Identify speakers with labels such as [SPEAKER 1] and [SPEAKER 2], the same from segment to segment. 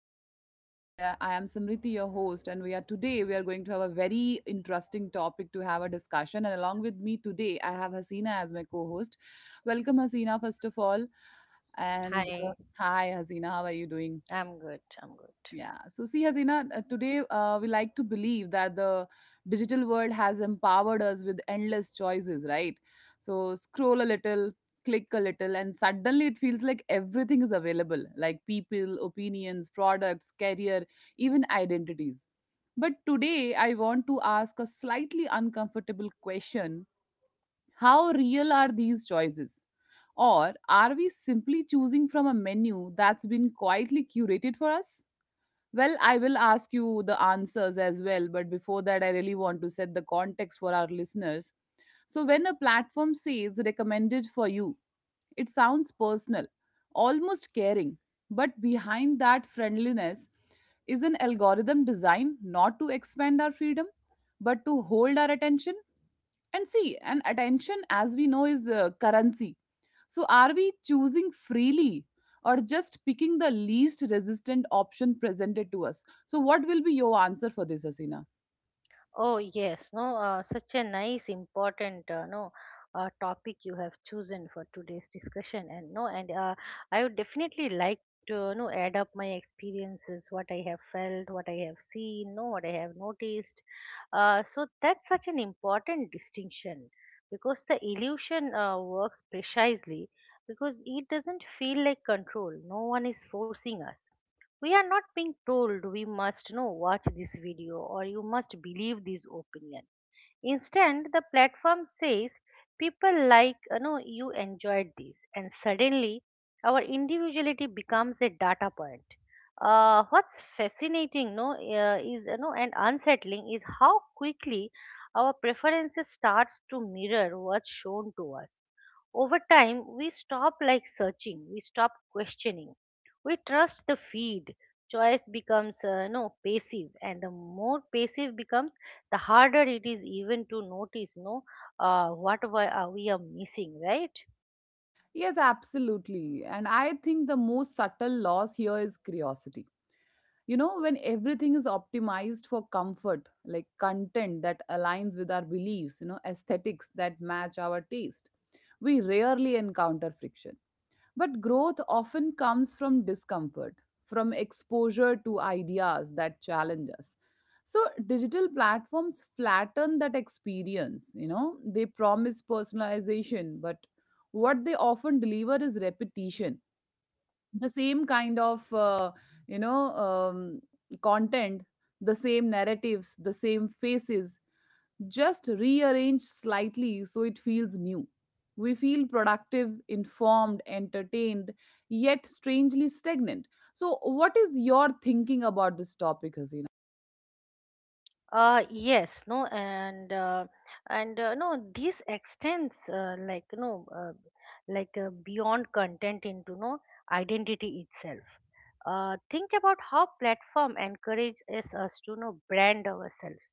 [SPEAKER 1] podcast where I am Samriti, your host, and we are today we are going to have a very interesting topic to have a discussion. And along with me today, I have Hasina as my co-host. Welcome, Hasina, first of all, and
[SPEAKER 2] Hi,
[SPEAKER 1] hi, Hasina, how are you doing?
[SPEAKER 2] I'm good. I'm good.
[SPEAKER 1] Yeah. So, see, Hasina, today we like to believe that the digital world has empowered us with endless choices, right? So, scroll a little, click a little, and suddenly it feels like everything is available like people, opinions, products, career, even identities. But today, I want to ask a slightly uncomfortable question. How real are these choices? Or are we simply choosing from a menu that's been quietly curated for us? Well, I will ask you the answers as well, but before that, I really want to set the context for our listeners. So, when a platform says recommended for you, it sounds personal, almost caring, but behind that friendliness is an algorithm designed not to expand our freedom, but to hold our attention. And see, and attention, as we know, is currency. So are we choosing freely, or just picking the least resistant option presented to us? So what will be your answer for this, Asina?
[SPEAKER 2] Oh yes, no, Such a nice, important, no, topic you have chosen for today's discussion, and no, and I would definitely like to, no, add up my experiences, what I have felt, what I have seen, no, what I have noticed. So that's such an important distinction because the illusion works precisely because it doesn't feel like control. No one is forcing us. We are not being told we must know watch this video or you must believe this opinion. Instead, the platform says people like you enjoyed this, and suddenly our individuality becomes a data point. What's fascinating, no, is and unsettling is how quickly our preferences starts to mirror what's shown to us. Over time, we stop like searching, we stop questioning. We trust the feed. Choice becomes no passive, and the more passive becomes, the harder it is even to notice no what we are missing, right?
[SPEAKER 1] Yes, absolutely. And I think the most subtle loss here is curiosity. You know, when everything is optimized for comfort, like content that aligns with our beliefs, aesthetics that match our taste, we rarely encounter friction. But growth often comes from discomfort, from exposure to ideas that challenge us. So digital platforms flatten that experience. You know, they promise personalization, but what they often deliver is repetition. The same kind of, you know, um, content, the same narratives, the same faces, just rearrange slightly so it feels new. We feel productive, informed, entertained, yet strangely stagnant. So, what is your thinking about this topic, Hasina?
[SPEAKER 2] Yes, no, and no, This extends like no like beyond content into no identity itself. Think about how platform encourages us to know brand ourselves,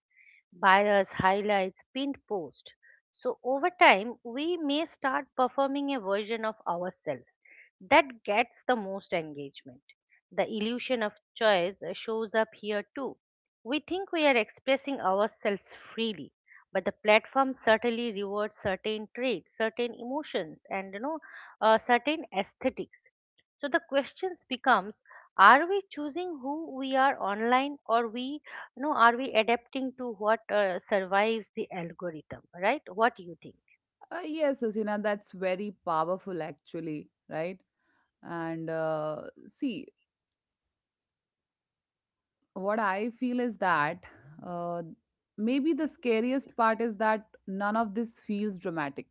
[SPEAKER 2] bias, highlights, pinned post. So over time, we may start performing a version of ourselves that gets the most engagement. The illusion of choice shows up here too. We think we are expressing ourselves freely, but the platform certainly rewards certain traits, certain emotions, and certain aesthetics. So the questions becomes, are we choosing who we are online, or we you know are we adapting to what survives the algorithm, right? What do you think?
[SPEAKER 1] Yes, Hasina, that's very powerful actually, right? And See, what I feel is that uh, maybe the scariest part is that none of this feels dramatic.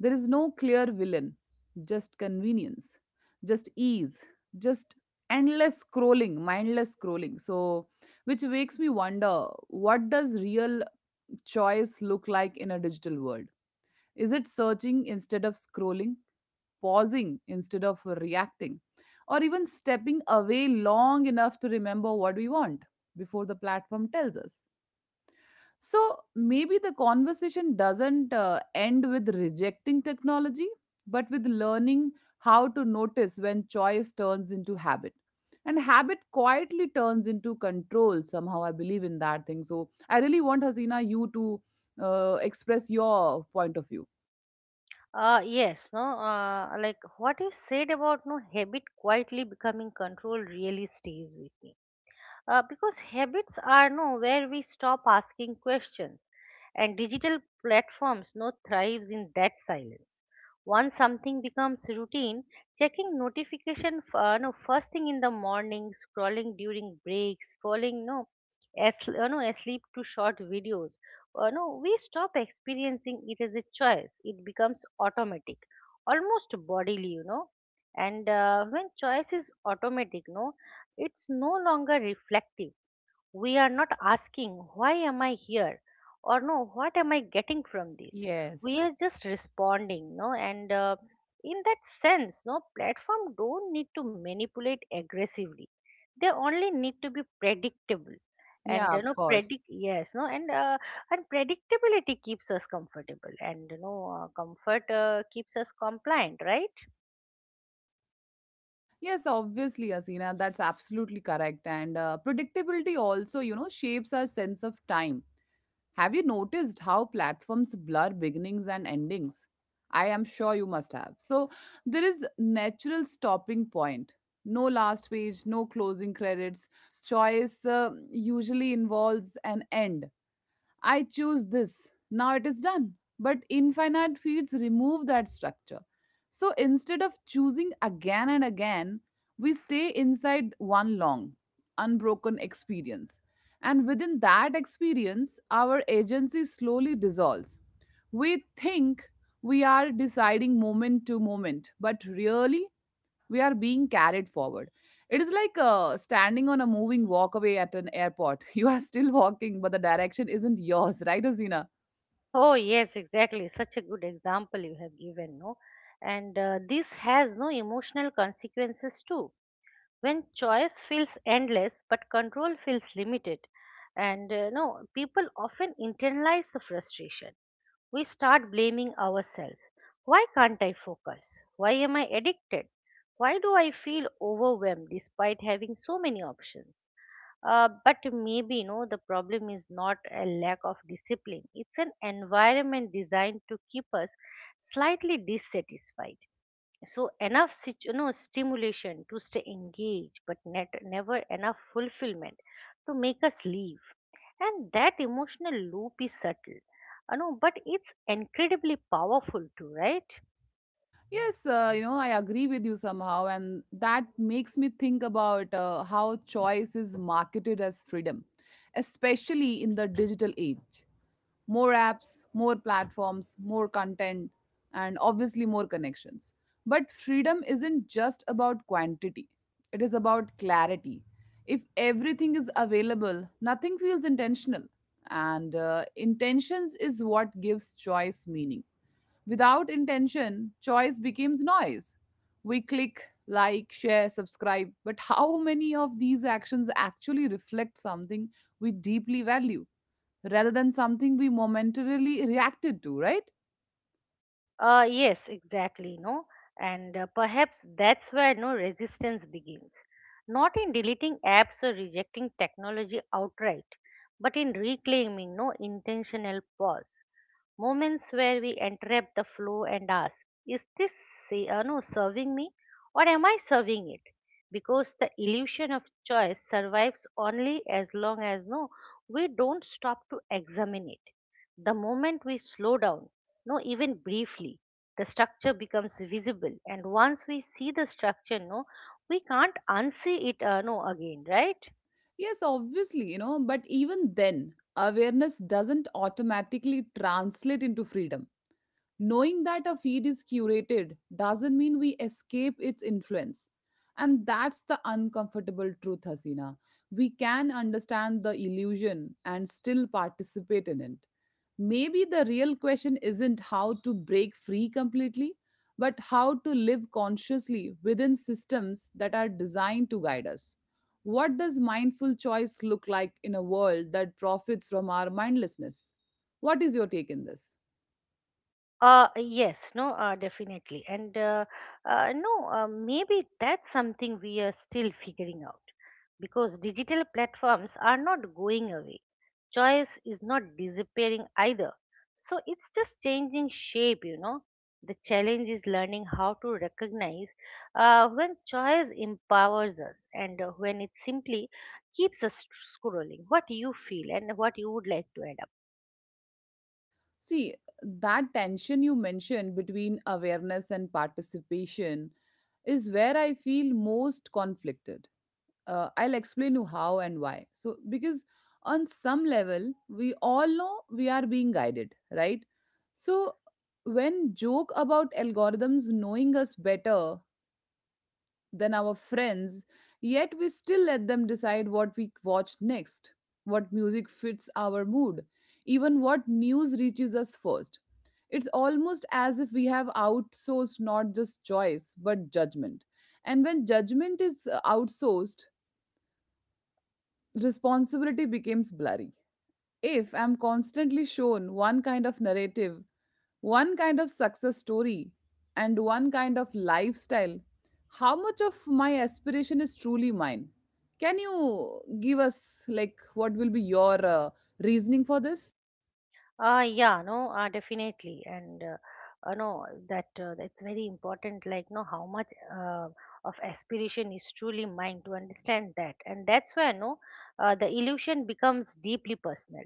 [SPEAKER 1] There is no clear villain, just convenience, just ease, just endless scrolling, mindless scrolling. So, which makes me wonder, what does real choice look like in a digital world? Is it searching instead of scrolling, pausing instead of reacting, or even stepping away long enough to remember what we want before the platform tells us? So maybe the conversation doesn't end with rejecting technology, but with learning how to notice when choice turns into habit. And habit quietly turns into control. Somehow, I believe in that thing. So, I really want Hasina, you to express your point of view.
[SPEAKER 2] Yes no Like what you said about no habit quietly becoming control really stays with me, because habits are no where we stop asking questions, and digital platforms now thrives in that silence. Once something becomes routine, checking notification f- no first thing in the morning, scrolling during breaks, falling no as you know asleep to short videos, no we stop experiencing it as a choice. It becomes automatic, almost bodily, you know. And when choice is automatic, it's no longer reflective. We are not asking, why am I here? Or no, what am I getting from this? We
[SPEAKER 1] Yes.
[SPEAKER 2] are just responding, no? And in that sense, platform don't need to manipulate aggressively. They only need to be predictable. And
[SPEAKER 1] Yeah,
[SPEAKER 2] you
[SPEAKER 1] of
[SPEAKER 2] know,
[SPEAKER 1] course.
[SPEAKER 2] predict yes, no, and predictability keeps us comfortable, and comfort keeps us compliant, right?
[SPEAKER 1] Yes, obviously, Hasina, that's absolutely correct. And predictability also, you know, shapes our sense of time. Have you noticed how platforms blur beginnings and endings? I am sure you must have. So there is natural stopping point. No last page, no closing credits. Choice usually involves an end. I choose this. Now it is done. But infinite fields remove that structure. So instead of choosing again and again, we stay inside one long, unbroken experience. And within that experience, our agency slowly dissolves. We think we are deciding moment to moment, but really we are being carried forward. It is like standing on a moving walkway at an airport. You are still walking, but the direction isn't yours, right, Azina?
[SPEAKER 2] Oh, yes, exactly. Such a good example you have given, no? And this has no emotional consequences too. When choice feels endless but control feels limited, and no, people often internalize the frustration. We start blaming ourselves. Why can't I focus? Why am I addicted? Why do I feel overwhelmed despite having so many options? But maybe the problem is not a lack of discipline. It's an environment designed to keep us slightly dissatisfied, so enough stimulation to stay engaged but net, never enough fulfillment to make us leave. And that emotional loop is subtle, I know, but it's incredibly powerful too, right?
[SPEAKER 1] Yes, you know, I agree with you somehow, and that makes me think about how choice is marketed as freedom, especially in the digital age. More apps, more platforms, more content, and obviously more connections. But freedom isn't just about quantity, it is about clarity. If everything is available, nothing feels intentional. And intentions is what gives choice meaning. Without intention, choice becomes noise. We click, like, share, subscribe, but how many of these actions actually reflect something we deeply value, rather than something we momentarily reacted to, right?
[SPEAKER 2] Yes exactly no and Perhaps that's where resistance begins, not in deleting apps or rejecting technology outright, but in reclaiming no intentional pause, moments where we interrupt the flow and ask, is this say, no, serving me, or am I serving it? Because the illusion of choice survives only as long as we don't stop to examine it. The moment we slow down, no, even briefly, the structure becomes visible, and once we see the structure, we can't unsee it, again, right?
[SPEAKER 1] Yes, obviously, you know, but even then, awareness doesn't automatically translate into freedom. Knowing that a feed is curated doesn't mean we escape its influence. And that's the uncomfortable truth, Hasina. We can understand the illusion and still participate in it. Maybe the real question isn't how to break free completely, but how to live consciously within systems that are designed to guide us. What does mindful choice look like in a world that profits from our mindlessness? What is your take in this?
[SPEAKER 2] Yes, no, Definitely. And no, maybe that's something we are still figuring out, because digital platforms are not going away. Choice is not disappearing either. So it's just changing shape, you know. The challenge is learning how to recognize when choice empowers us and when it simply keeps us scrolling. What you feel and what you would like to add up.
[SPEAKER 1] See, that tension you mentioned between awareness and participation is where I feel most conflicted. I'll explain you how and why. So, because on some level, we all know we are being guided, right? So, when joke about algorithms knowing us better than our friends, yet we still let them decide what we watch next, what music fits our mood, even what news reaches us first. It's almost as if we have outsourced not just choice, but judgment. And when judgment is outsourced, responsibility becomes blurry. If I'm constantly shown one kind of narrative, one kind of success story, and one kind of lifestyle, how much of my aspiration is truly mine? Can you give us, like, what will be your reasoning for this?
[SPEAKER 2] Yeah, no, Definitely, and no, that that's very important. Like, no, how much uh, of aspiration is truly mine to understand that, and that's where no, the illusion becomes deeply personal.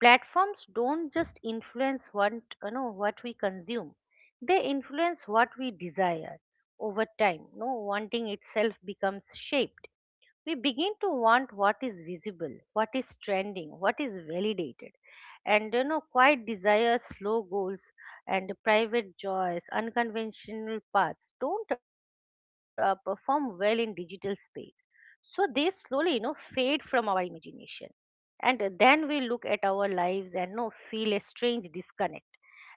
[SPEAKER 2] Platforms don't just influence what you know what we consume; they influence what we desire over time. No, Wanting itself becomes shaped. We begin to want what is visible, what is trending, what is validated. And you know, quiet desires, slow goals, and private joys, unconventional paths don't perform well in digital space. So they slowly, you know, fade from our imagination, and then we look at our lives and no feel a strange disconnect,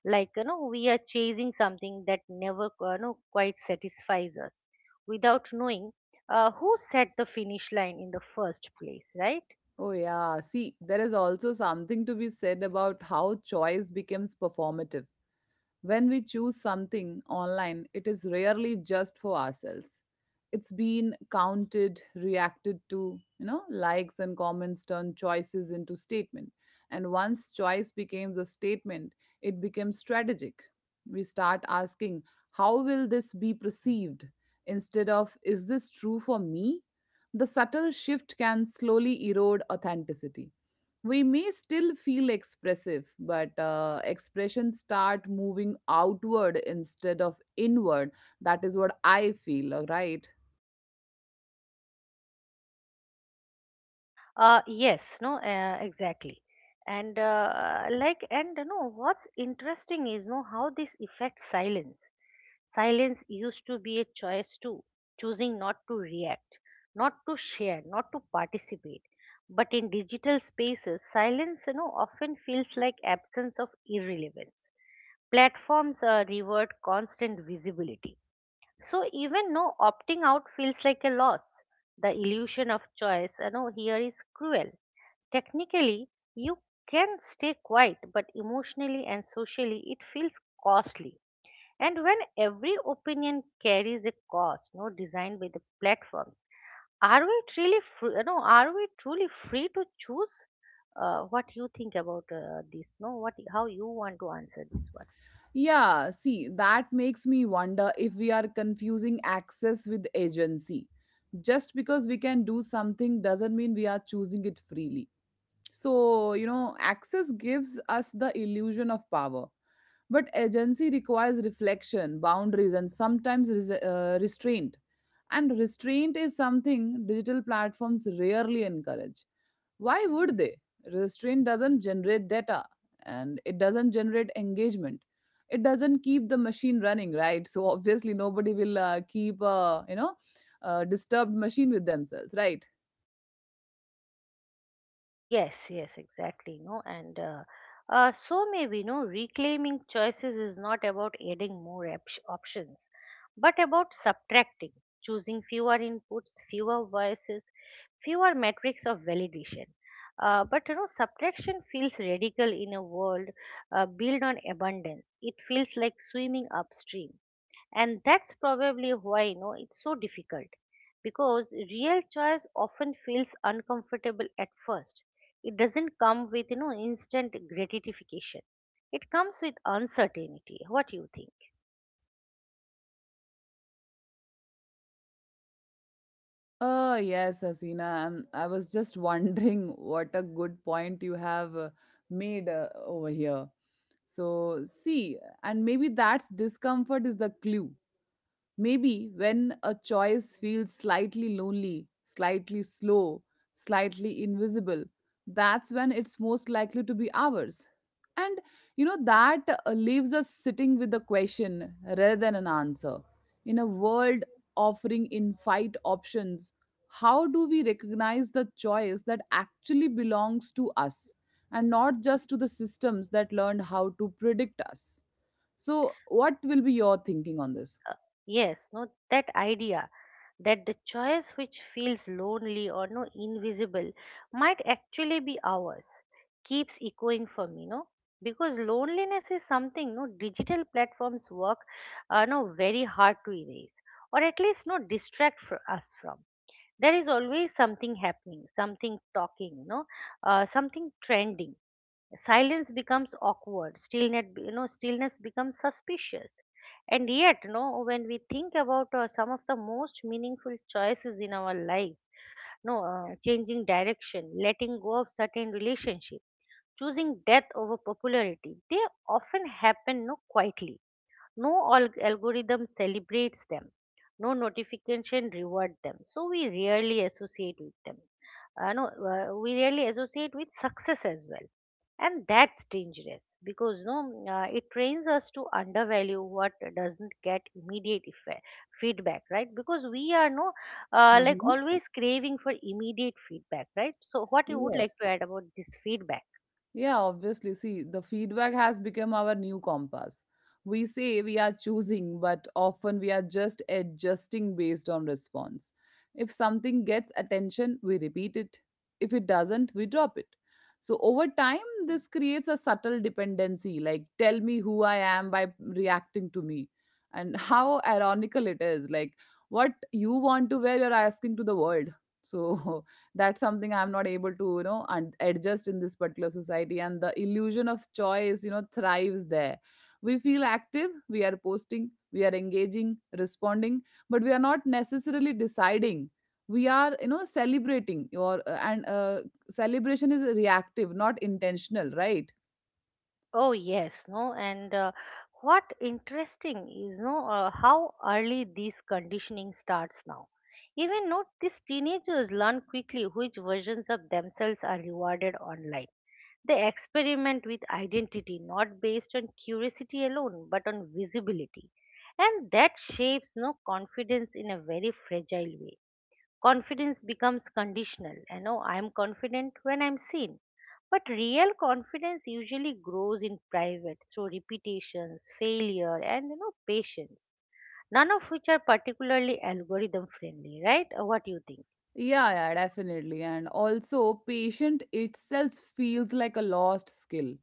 [SPEAKER 2] like you know we are chasing something that never, you know, quite satisfies us, without knowing who set the finish line in the first place, right?
[SPEAKER 1] Oh, yeah. See, there is also something to be said about how choice becomes performative. When we choose something online, it is rarely just for ourselves. It's been counted, reacted to. You know, likes and comments turn choices into statement. And once choice becomes a statement, it becomes strategic. We start asking, how will this be perceived? Instead of, is this true for me? The subtle shift can slowly erode authenticity. We may still feel expressive, but expressions start moving outward instead of inward. That is what I feel, right?
[SPEAKER 2] Yes, no, Exactly. And you know, what's interesting is no how this affects silence. Silence used to be a choice too, choosing not to react, not to share, not to participate. But in digital spaces, silence, you know, often feels like absence of irrelevance. Platforms reward constant visibility, so even no opting out feels like a loss. The illusion of choice, you know, here is cruel. Technically, you can stay quiet, but emotionally and socially, it feels costly. And when every opinion carries a cost, no designed by the platforms, are we truly, free, you know, are we truly free to choose? What you think about this? No, what, how you want to answer this one?
[SPEAKER 1] Yeah, see, that makes me wonder if we are confusing access with agency. Just because we can do something doesn't mean we are choosing it freely. So, you know, access gives us the illusion of power. But agency requires reflection, boundaries, and sometimes restraint. And restraint is something digital platforms rarely encourage. Why would they? Restraint doesn't generate data, and it doesn't generate engagement. It doesn't keep the machine running, right? So obviously nobody will keep, a you know, a disturbed machine with themselves, right?
[SPEAKER 2] Yes, exactly. No, and so maybe reclaiming choices is not about adding more options, but about subtracting, choosing fewer inputs, fewer voices, fewer metrics of validation. But you know, subtraction feels radical in a world built on abundance. It feels like swimming upstream, and that's probably why, you know, it's so difficult, because real choice often feels uncomfortable at first. It doesn't come with, you know, instant gratification. It comes with uncertainty. What do you think?
[SPEAKER 1] Oh, yes, Asina. I was just wondering what a good point you have made over here. So, see, and maybe that's discomfort is the clue. Maybe when a choice feels slightly lonely, slightly slow, slightly invisible, that's when it's most likely to be ours. And you know, that leaves us sitting with a question rather than an answer. In a world offering infinite options, how do we recognize the choice that actually belongs to us and not just to the systems that learned how to predict us? So, what will be your thinking on this?
[SPEAKER 2] Yes, no, that idea that the choice which feels lonely or no invisible might actually be ours keeps echoing for me, no? Because loneliness is something digital platforms work no very hard to erase, or at least no distract for us from. There is always something happening, something talking, no, something trending. Silence becomes awkward. Stillness becomes suspicious. And yet, you know, when we think about some of the most meaningful choices in our lives, no changing direction, letting go of certain relationships, choosing death over popularity, they often happen quietly. No algorithm celebrates them. No notification reward them. So we rarely associate with them. No, We rarely associate with success as well. And that's dangerous because no, it trains us to undervalue what doesn't get immediate feedback, right? Because we are no like always craving for immediate feedback, right? So, what you would like
[SPEAKER 1] Yes.
[SPEAKER 2] to add about this feedback?
[SPEAKER 1] Yeah, obviously. See, the feedback has become our new compass. We say we are choosing, but often we are just adjusting based on response. If something gets attention, we repeat it. If it doesn't, we drop it. So over time, this creates a subtle dependency like, tell me who I am by reacting to me. And how ironical it is, like, what you want to wear, you're asking to the world. So that's something I'm not able to, you know, adjust in this particular society. And the illusion of choice, you know, thrives there. We feel active, we are posting, we are engaging, responding, but we are not necessarily deciding. We are, you know, celebrating your and celebration is reactive, not intentional, right?
[SPEAKER 2] Oh yes, no, and What interesting is no how early this conditioning starts now. Even note these teenagers learn quickly which versions of themselves are rewarded online. They experiment with identity not based on curiosity alone but on visibility, and that shapes no confidence in a very fragile way. Confidence becomes conditional, you know, I'm confident when I'm seen, but real confidence usually grows in private through repetitions, failure, and you know, patience, none of which are particularly algorithm friendly, right? What do you think?
[SPEAKER 1] Yeah, yeah, definitely. And also, patient itself feels like a lost skill.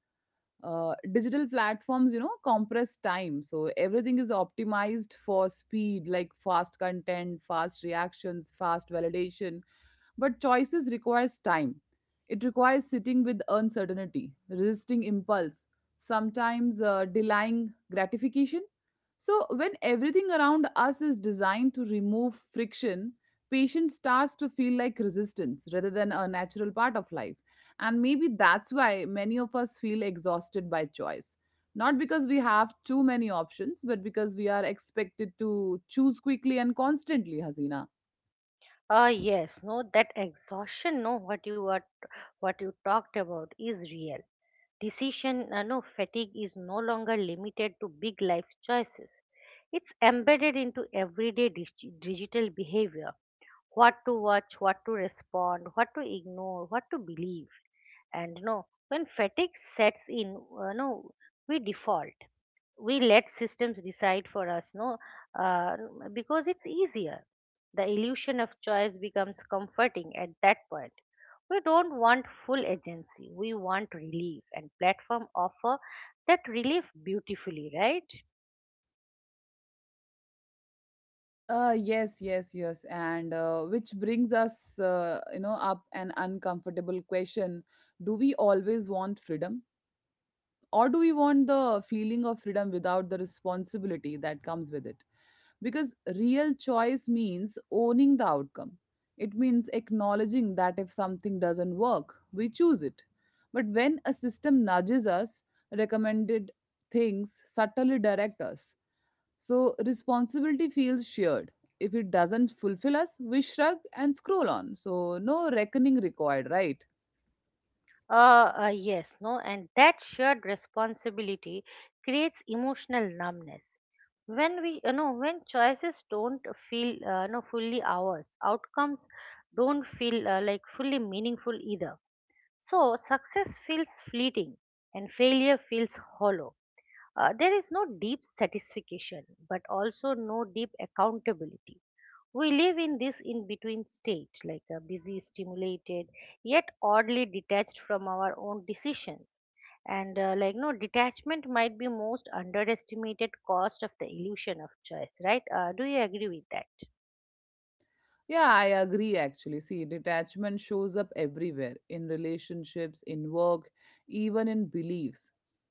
[SPEAKER 1] Digital platforms, you know, compress time, so everything is optimized for speed, like fast content, fast reactions, fast validation. But choices requires time. It requires sitting with uncertainty, resisting impulse, sometimes delaying gratification. So, when everything around us is designed to remove friction, patience starts to feel like resistance rather than a natural part of life. And maybe that's why many of us feel exhausted by choice. Not because we have too many options, but because we are expected to choose quickly and constantly, Hasina.
[SPEAKER 2] Yes no that exhaustion, no what you are, what you talked about, is real. Decision fatigue is no longer limited to big life choices. It's embedded into everyday digital behavior: what to watch, what to respond, what to ignore, what to believe. And you know, when fatigue sets in, you know, we default. We let systems decide for us, no, uh, because it's easier. The illusion of choice becomes comforting at that point. We don't want full agency. We want relief, and platform offer that relief beautifully, right?
[SPEAKER 1] Yes, yes, yes. And which brings us, you know, up an uncomfortable question. Do we always want freedom? Or do we want the feeling of freedom without the responsibility that comes with it? Because real choice means owning the outcome. It means acknowledging that if something doesn't work, we choose it. But when a system nudges us, recommended things subtly direct us, so responsibility feels shared. If it doesn't fulfill us, we shrug and scroll on. So no reckoning required, right?
[SPEAKER 2] Yes, no, and that shared responsibility creates emotional numbness. When we, you know, when choices don't feel, you fully ours, outcomes don't feel like fully meaningful either. So success feels fleeting, and failure feels hollow. There is no deep satisfaction, but also no deep accountability. We live in this in between state, like a busy, stimulated, yet oddly detached from our own decision. And like no detachment might be most underestimated cost of the illusion of choice, right? Do you agree with that?
[SPEAKER 1] Yeah, I agree actually. See, detachment shows up everywhere, in relationships, in work, even in beliefs.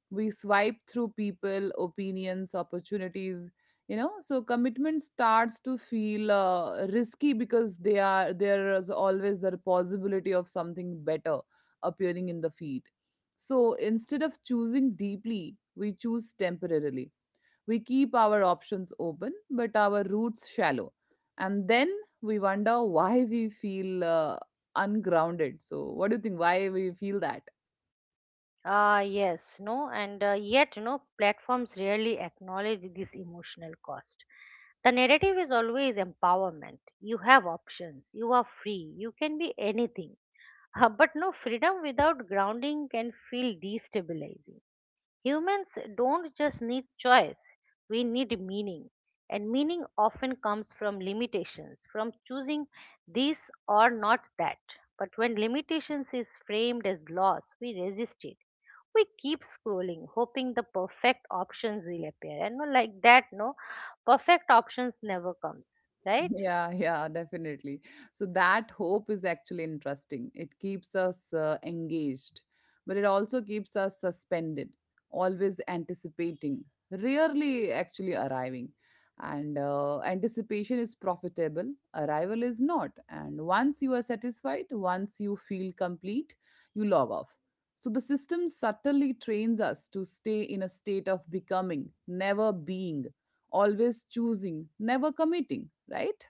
[SPEAKER 1] We swipe through people, opinions, opportunities, you know. So commitment starts to feel risky because they are there is always the possibility of something better appearing in the feed. So instead of choosing deeply, we choose temporarily. We keep our options open, but our roots shallow. And then we wonder why we feel ungrounded. So, what do you think? Why we feel that?
[SPEAKER 2] Yes, no, and yet, platforms rarely acknowledge this emotional cost. The narrative is always empowerment. You have options, you are free, you can be anything. But no, freedom without grounding can feel destabilizing. Humans don't just need choice, we need meaning. And meaning often comes from limitations, from choosing this or not that. But when limitations is framed as loss, we resist it. We keep scrolling, hoping the perfect options will appear, and no, like that, no perfect options never comes, right?
[SPEAKER 1] Yeah, yeah, definitely. So that hope is actually interesting. It keeps us engaged, but it also keeps us suspended, always anticipating, rarely actually arriving. And anticipation is profitable, arrival is not. And once you are satisfied, once you feel complete, you log off. So the system subtly trains us to stay in a state of becoming, never being, always choosing, never committing, right?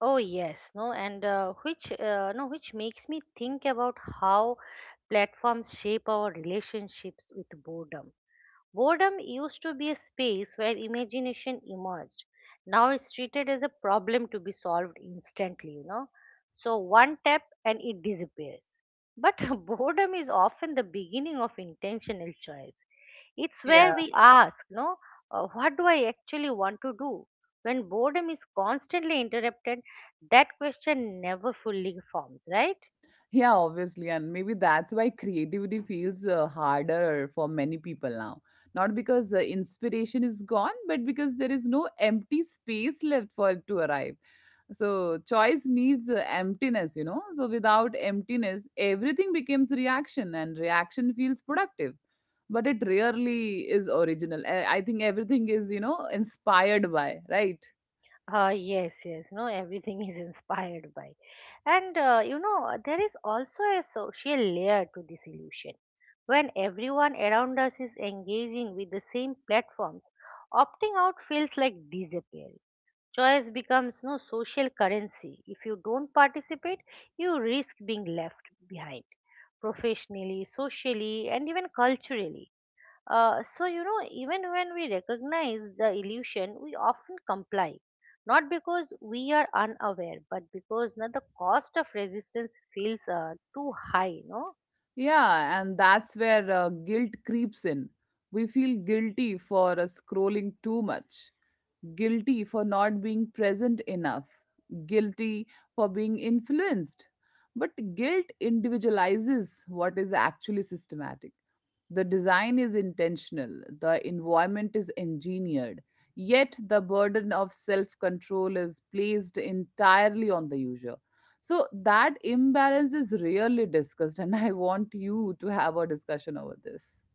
[SPEAKER 2] Oh yes, no, and which no which makes me think about how platforms shape our relationships with boredom. Boredom used to be a space where imagination emerged. Now it's treated as a problem to be solved instantly. So one tap and it disappears. But boredom is often the beginning of intentional choice. It's
[SPEAKER 1] Yeah,
[SPEAKER 2] where we ask, no, what do I actually want to do? When boredom is constantly interrupted, that question never fully forms, right?
[SPEAKER 1] yeah, obviously. And maybe that's why creativity feels harder for many people now. Not because inspiration is gone, but because there is no empty space left for it to arrive. So, choice needs emptiness, you know. So, without emptiness, everything becomes reaction, and reaction feels productive. But it rarely is original. I think everything is, you know, inspired by, right?
[SPEAKER 2] Yes, yes, no, everything is inspired by. And there is also a social layer to this illusion. When everyone around us is engaging with the same platforms, opting out feels like disappearing. Choice becomes no social currency. If you don't participate, you risk being left behind professionally, socially, and even culturally. So, even when we recognize the illusion, we often comply. Not because we are unaware, but because no, the cost of resistance feels too high, no?
[SPEAKER 1] Yeah, and that's where guilt creeps in. We feel guilty for scrolling too much, guilty for not being present enough, guilty for being influenced. But guilt individualizes what is actually systematic. The design is intentional, the environment is engineered, yet the burden of self control is placed entirely on the user. So that imbalance is rarely discussed, and I want you to have a discussion over this.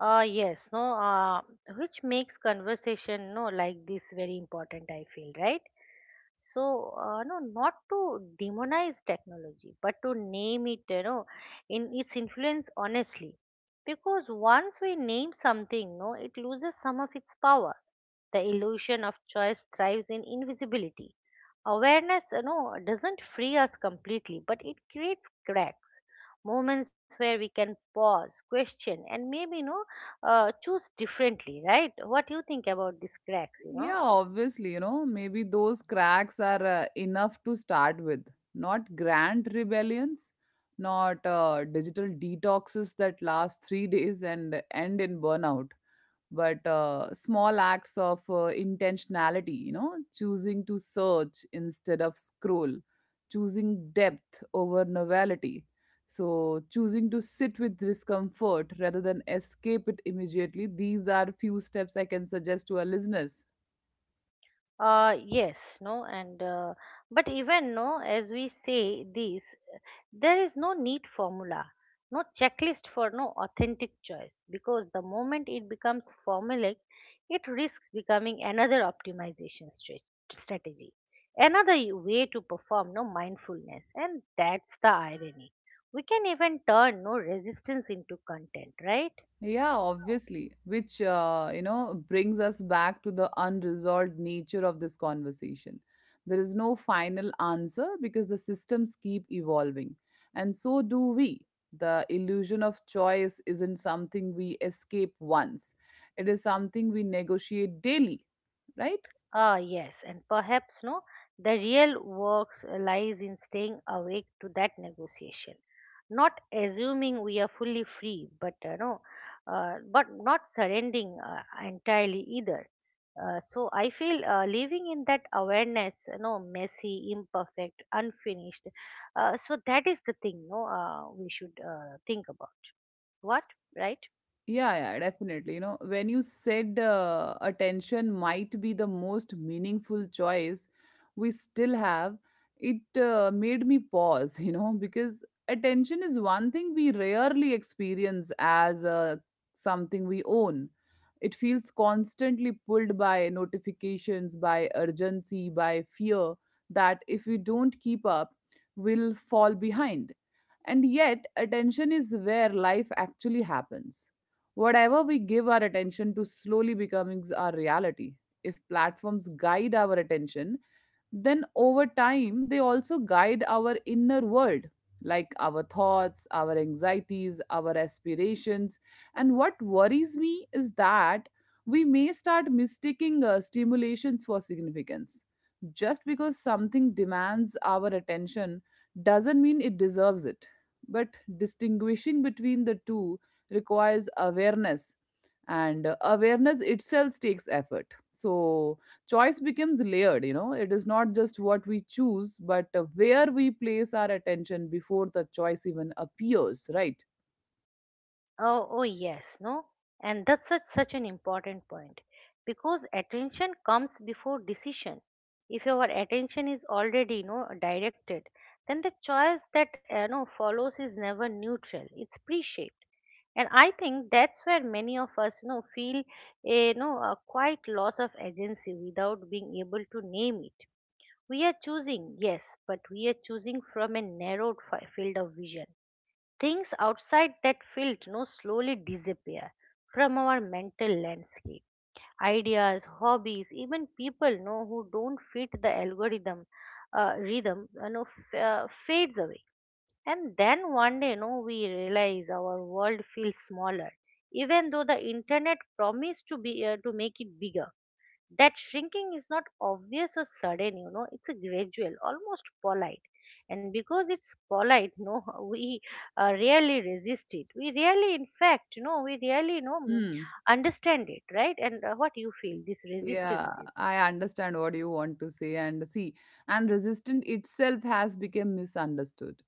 [SPEAKER 2] Yes, no, which makes conversation, no, like this very important, I feel, right? So, no, not to demonize technology, but to name it, in its influence honestly. Because once we name something, no, it loses some of its power. The illusion of choice thrives in invisibility. Awareness, doesn't free us completely, but it creates cracks, moments where we can pause, question, and maybe, choose differently, right? What do you think about these cracks, you know?
[SPEAKER 1] Yeah, obviously, you know, maybe those cracks are enough to start with, not grand rebellions. Not digital detoxes that last 3 days and end in burnout. But small acts of intentionality, you know, choosing to search instead of scroll, choosing depth over novelty, so choosing to sit with discomfort rather than escape it immediately. These are few steps I can suggest to our listeners.
[SPEAKER 2] Yes, no, and but even no, as we say this, there is no neat formula, no checklist for no authentic choice, because the moment it becomes formulaic, it risks becoming another optimization strategy, another way to perform no mindfulness. And that's the irony: we can even turn no resistance into content, right?
[SPEAKER 1] Yeah, obviously, which you know brings us back to the unresolved nature of this conversation. There is no final answer because the systems keep evolving, and so do we. The illusion of choice isn't something we escape once, it is something we negotiate daily, right?
[SPEAKER 2] Ah, yes, and perhaps no, the real work lies in staying awake to that negotiation, not assuming we are fully free, but not surrendering entirely either. So I feel, living in that awareness, messy, imperfect, unfinished. So that is the thing, no, we should think about. What, right?
[SPEAKER 1] Yeah, yeah, definitely. You know, when you said attention might be the most meaningful choice we still have, it made me pause, you know, because attention is one thing we rarely experience as something we own. It feels constantly pulled by notifications, by urgency, by fear that if we don't keep up, we'll fall behind. And yet, attention is where life actually happens. Whatever we give our attention to slowly becomes our reality. If platforms guide our attention, then over time they also guide our inner world, like our thoughts, our anxieties, our aspirations. And what worries me is that we may start mistaking stimulations for significance. Just because something demands our attention doesn't mean it deserves it. But distinguishing between the two requires awareness, and awareness itself takes effort. So choice becomes layered, you know. It is not just what we choose but where we place our attention before the choice even appears, right?
[SPEAKER 2] Oh, yes, no? And that's such, such an important point, because attention comes before decision. If our attention is already, directed, then the choice that, follows is never neutral. It's pre-shaped. And I think that's where many of us, feel a quite loss of agency without being able to name it. We are choosing, yes, but we are choosing from a narrowed field of vision. Things outside that field, slowly disappear from our mental landscape. Ideas, hobbies, even people you know who don't fit the algorithm rhythm, fades away. And then one day, we realize our world feels smaller, even though the internet promised to make it bigger. That shrinking is not obvious or sudden, it's a gradual, almost polite, and because it's polite, no, we rarely resist it, we rarely in fact, we rarely,
[SPEAKER 1] Hmm.
[SPEAKER 2] understand it, right? And what you feel this
[SPEAKER 1] Yeah,
[SPEAKER 2] resistance is.
[SPEAKER 1] I understand what you want to say. And see, and resistance itself has become misunderstood.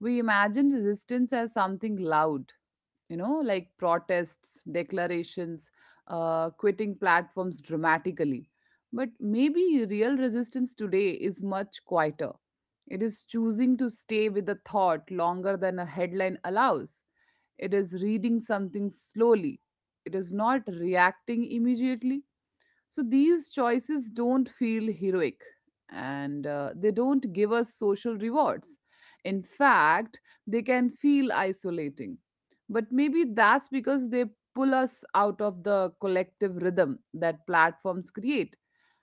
[SPEAKER 1] We imagine resistance as something loud, you know, like protests, declarations, quitting platforms dramatically. But maybe real resistance today is much quieter. It is choosing to stay with a thought longer than a headline allows. It is reading something slowly. It is not reacting immediately. So these choices don't feel heroic, and they don't give us social rewards. In fact, they can feel isolating. But maybe that's because they pull us out of the collective rhythm that platforms create.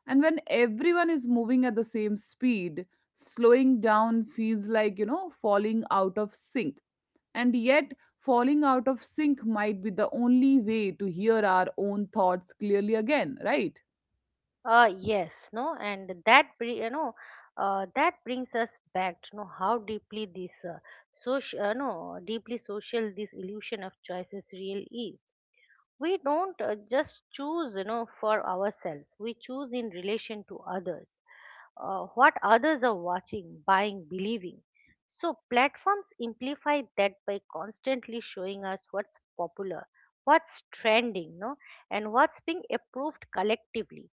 [SPEAKER 1] And when everyone is moving at the same speed, slowing down feels like, you know, falling out of sync. And yet, falling out of sync might be the only way to hear our own thoughts clearly again, right?
[SPEAKER 2] Yes, no, and that brings us back to know how deeply this social, no, deeply social, this illusion of choices real is. We don't just choose, for ourselves, we choose in relation to others, what others are watching, buying, believing. So platforms amplify that by constantly showing us what's popular, what's trending, no, and what's being approved collectively.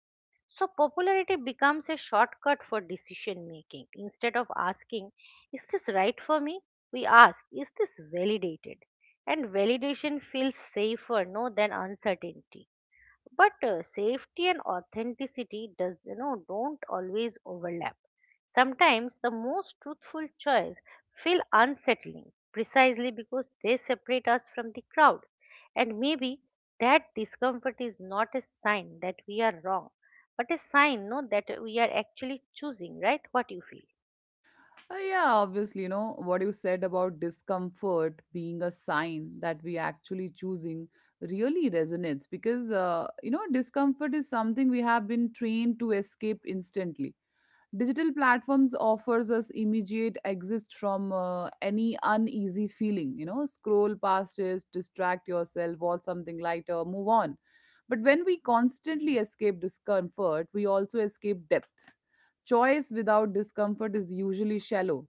[SPEAKER 2] So, popularity becomes a shortcut for decision making. Instead of asking, is this right for me? We ask, is this validated? And validation feels safer, no, than uncertainty, but safety and authenticity does, don't always overlap. Sometimes the most truthful choice feel unsettling, precisely because they separate us from the crowd. And maybe that discomfort is not a sign that we are wrong, but a sign, no, that we are actually choosing, right? What you feel?
[SPEAKER 1] Yeah, obviously, you know, what you said about discomfort being a sign that we actually choosing really resonates because, you know, discomfort is something we have been trained to escape instantly. Digital platforms offers us immediate exist from any uneasy feeling, you know, scroll past it, distract yourself, or something lighter, move on. But when we constantly escape discomfort, we also escape depth. Choice without discomfort is usually shallow.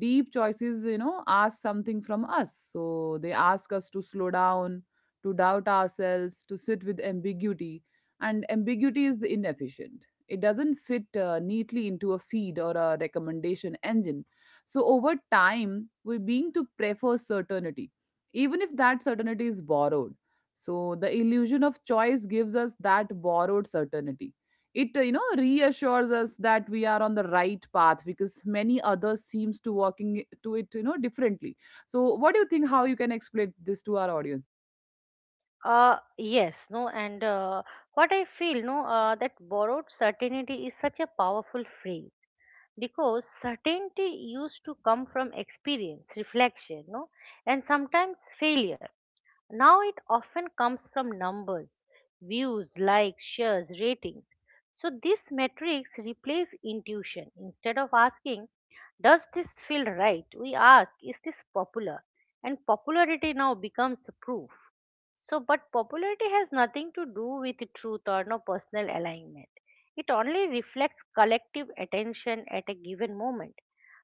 [SPEAKER 1] Deep choices, you know, ask something from us. So they ask us to slow down, to doubt ourselves, to sit with ambiguity. And ambiguity is inefficient. It doesn't fit neatly into a feed or a recommendation engine. So over time we're being to prefer certainty, even if that certainty is borrowed. So the illusion of choice gives us that borrowed certainty. It you know reassures us that we are on the right path because many others seems to walking to it, you know, differently. So what do you think, how you can explain this to our audience?
[SPEAKER 2] Yes, no, and what I feel, no, that borrowed certainty is such a powerful phrase, because certainty used to come from experience, reflection, no, and sometimes failure. Now it often comes from numbers, views, likes, shares, ratings. So this metrics replace intuition. Instead of asking, does this feel right? We ask, is this popular? And popularity now becomes proof. So, but popularity has nothing to do with truth or no personal alignment. It only reflects collective attention at a given moment.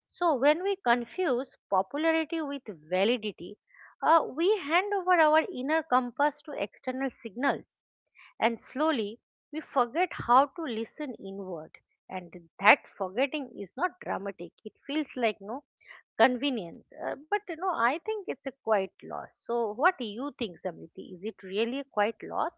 [SPEAKER 2] So, when we confuse popularity with validity, we hand over our inner compass to external signals, and slowly we forget how to listen inward. And that forgetting is not dramatic, it feels like no convenience, but, I think it's a quiet loss. So, what do you think, Samriti? Is it really a quiet loss?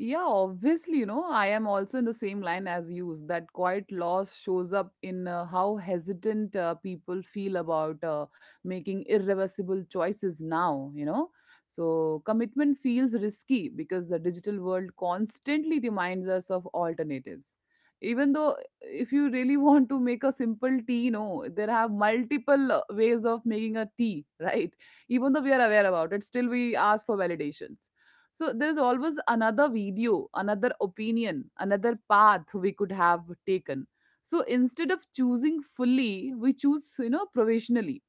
[SPEAKER 1] Yeah, obviously, you know, I am also in the same line as you. That quiet loss shows up in how hesitant people feel about making irreversible choices now, you know. So, commitment feels risky because the digital world constantly reminds us of alternatives. Even though, if you really want to make a simple tea, you know, there have multiple ways of making a tea, right? Even though we are aware about it, still we ask for validations. So there's always another video, another opinion, another path we could have taken. So instead of choosing fully, we choose, you know, provisionally.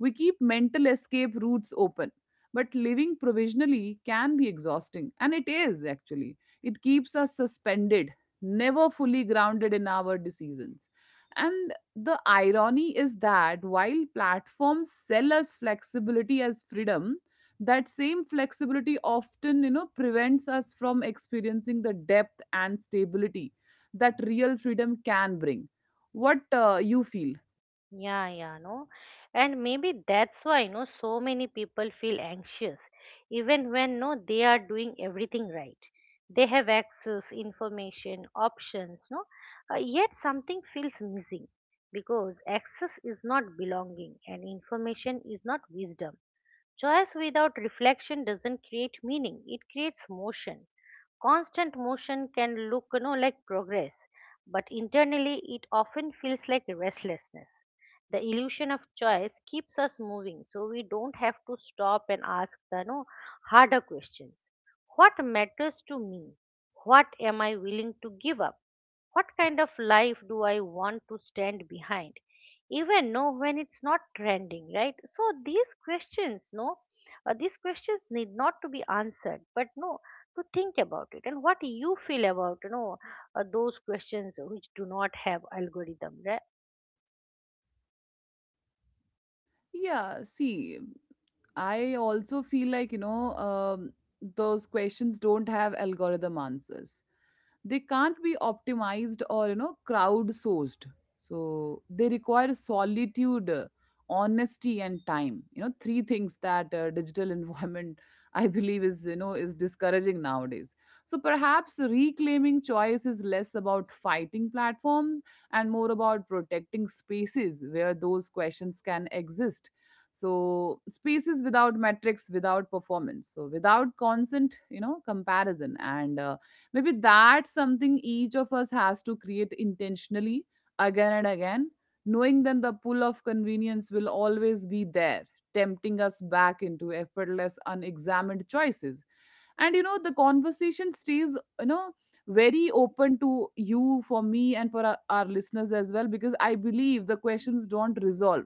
[SPEAKER 1] We keep mental escape routes open. But living provisionally can be exhausting, and it is actually, it keeps us suspended, never fully grounded in our decisions. And the irony is that while platforms sell us flexibility as freedom, that same flexibility often, you know, prevents us from experiencing the depth and stability that real freedom can bring. What you feel?
[SPEAKER 2] Yeah, yeah, no. And maybe that's why, no, so many people feel anxious, even when, no, they are doing everything right. They have access, information, options, no, yet something feels missing, because access is not belonging and information is not wisdom. Choice without reflection doesn't create meaning, it creates motion. Constant motion can look, like progress, but internally it often feels like restlessness. The illusion of choice keeps us moving so we don't have to stop and ask the no harder questions. What matters to me? What am I willing to give up? What kind of life do I want to stand behind? Even no, when it's not trending, right? So these questions, no, these questions need not to be answered, but no, to think about it. And what you feel about, those questions which do not have algorithm, right?
[SPEAKER 1] Yeah, see, I also feel like, you know, those questions don't have algorithm answers. They can't be optimized or, you know, crowdsourced. So they require solitude, honesty and time, you know, three things that digital environment I believe is, you know, is discouraging nowadays. So perhaps reclaiming choice is less about fighting platforms and more about protecting spaces where those questions can exist. So spaces without metrics, without performance, so without constant, you know, comparison. And maybe that's something each of us has to create intentionally, again and again, knowing then the pull of convenience will always be there, tempting us back into effortless, unexamined choices. And you know, the conversation stays, you know, very open to you, for me and for our listeners as well, because I believe the questions don't resolve,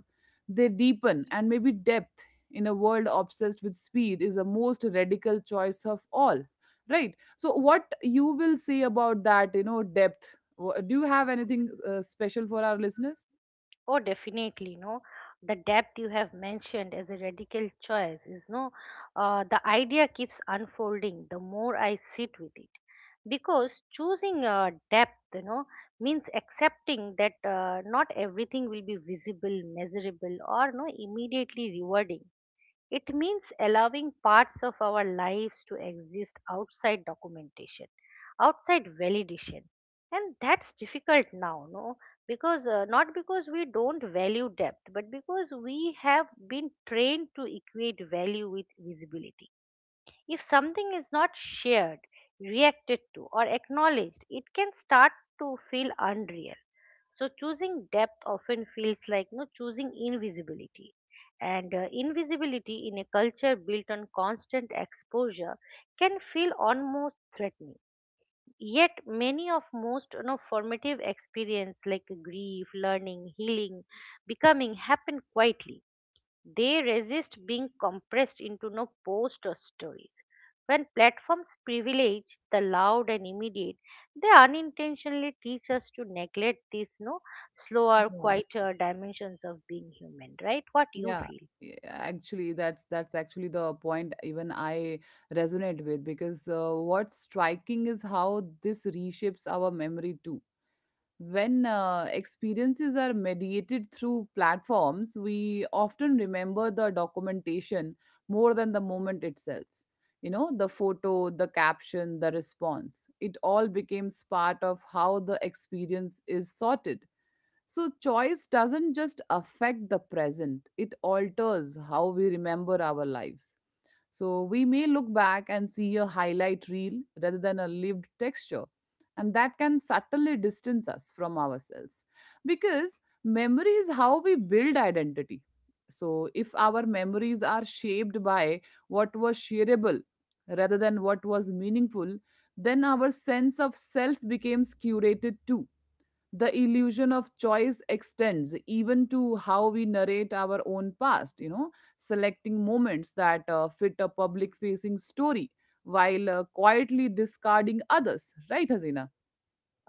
[SPEAKER 1] they deepen. And maybe depth in a world obsessed with speed is the most radical choice of all, right? So what you will say about that, you know, depth. Do you have anything special for our listeners?
[SPEAKER 2] Oh, definitely, no. The depth you have mentioned as a radical choice is no. The idea keeps unfolding the more I sit with it, because choosing depth, means accepting that not everything will be visible, measurable, or no immediately rewarding. It means allowing parts of our lives to exist outside documentation, outside validation. And that's difficult now, no? Because not because we don't value depth, but because we have been trained to equate value with visibility. If something is not shared, reacted to, or acknowledged, it can start to feel unreal. So choosing depth often feels like no choosing invisibility. And invisibility in a culture built on constant exposure can feel almost threatening. Yet many of most, formative experience like grief, learning, healing, becoming happen quietly. They resist being compressed into no post or stories. When platforms privilege the loud and immediate, they unintentionally teach us to neglect these no slower,
[SPEAKER 1] Yeah.
[SPEAKER 2] quieter dimensions of being human, right? What you
[SPEAKER 1] Yeah,
[SPEAKER 2] feel?
[SPEAKER 1] yeah, actually, that's actually the point even I resonate with, because what's striking is how this reshapes our memory too. When experiences are mediated through platforms, we often remember the documentation more than the moment itself. You know, the photo, the caption, the response. It all becomes part of how the experience is sorted. So, choice doesn't just affect the present, it alters how we remember our lives. So, we may look back and see a highlight reel rather than a lived texture, and that can subtly distance us from ourselves, because memory is how we build identity. So, if our memories are shaped by what was shareable rather than what was meaningful, then our sense of self becomes curated too. The illusion of choice extends even to how we narrate our own past, you know, selecting moments that fit a public facing story while quietly discarding others, right, Hasina?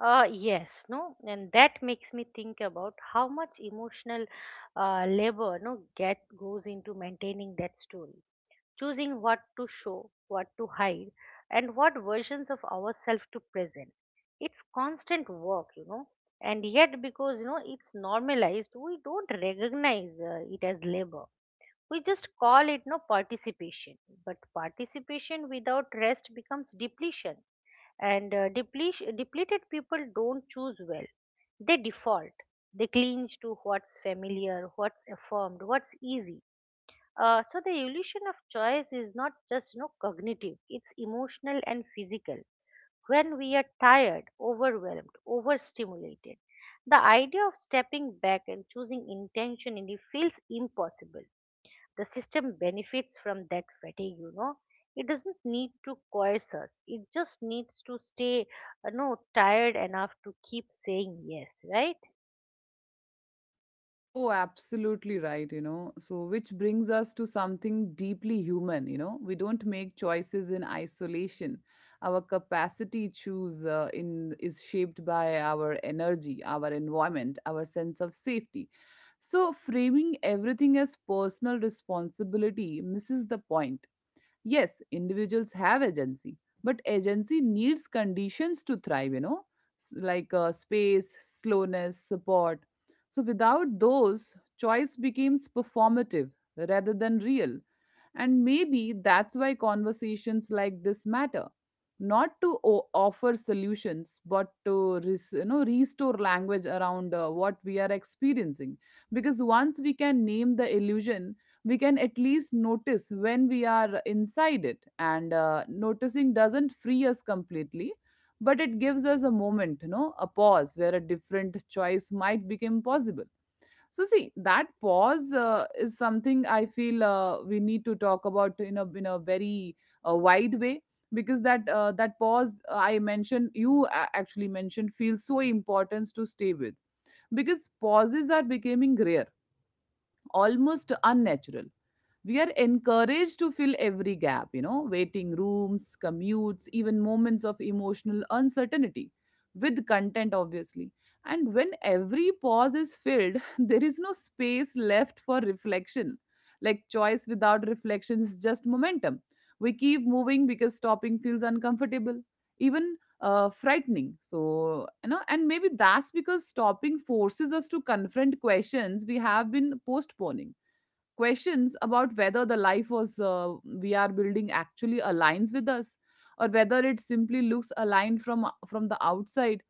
[SPEAKER 2] Yes, no, and that makes me think about how much emotional labor, no, get goes into maintaining that story. Choosing what to show, what to hide, and what versions of ourselves to present. It's constant work. And yet, because it's normalized, we don't recognize, it as labor. We just call it no participation. But participation without rest becomes depletion, and depleted people don't choose well. They default. They cling to what's familiar, what's affirmed, what's easy. So the illusion of choice is not just, cognitive; it's emotional and physical. When we are tired, overwhelmed, overstimulated, the idea of stepping back and choosing intentionally feels impossible. The system benefits from that fatigue. It doesn't need to coerce us. It just needs to stay, tired enough to keep saying yes, right?
[SPEAKER 1] Oh, absolutely right, you know. So, which brings us to something deeply human, you know. We don't make choices in isolation. Our capacity choose in is shaped by our energy, our environment, our sense of safety. So, framing everything as personal responsibility misses the point. Yes, individuals have agency, but agency needs conditions to thrive, you know, like space, slowness, support. So without those, choice becomes performative rather than real. And maybe that's why conversations like this matter. Not to offer solutions, but to you know, restore language around what we are experiencing. Because once we can name the illusion, we can at least notice when we are inside it, and noticing doesn't free us completely, but it gives us a moment, a pause where a different choice might become possible. So see, that pause is something I feel we need to talk about in a very wide way, because that that pause I mentioned you actually mentioned feels so important to stay with, because pauses are becoming rare, almost unnatural. We are encouraged to fill every gap, waiting rooms, commutes, even moments of emotional uncertainty, with content, obviously. And when every pause is filled, there is no space left for reflection. Like, choice without reflection is just momentum. We keep moving because stopping feels uncomfortable, even frightening. So, you know, and maybe that's because stopping forces us to confront questions we have been postponing, questions about whether the life was we are building actually aligns with us, or whether it simply looks aligned from the outside.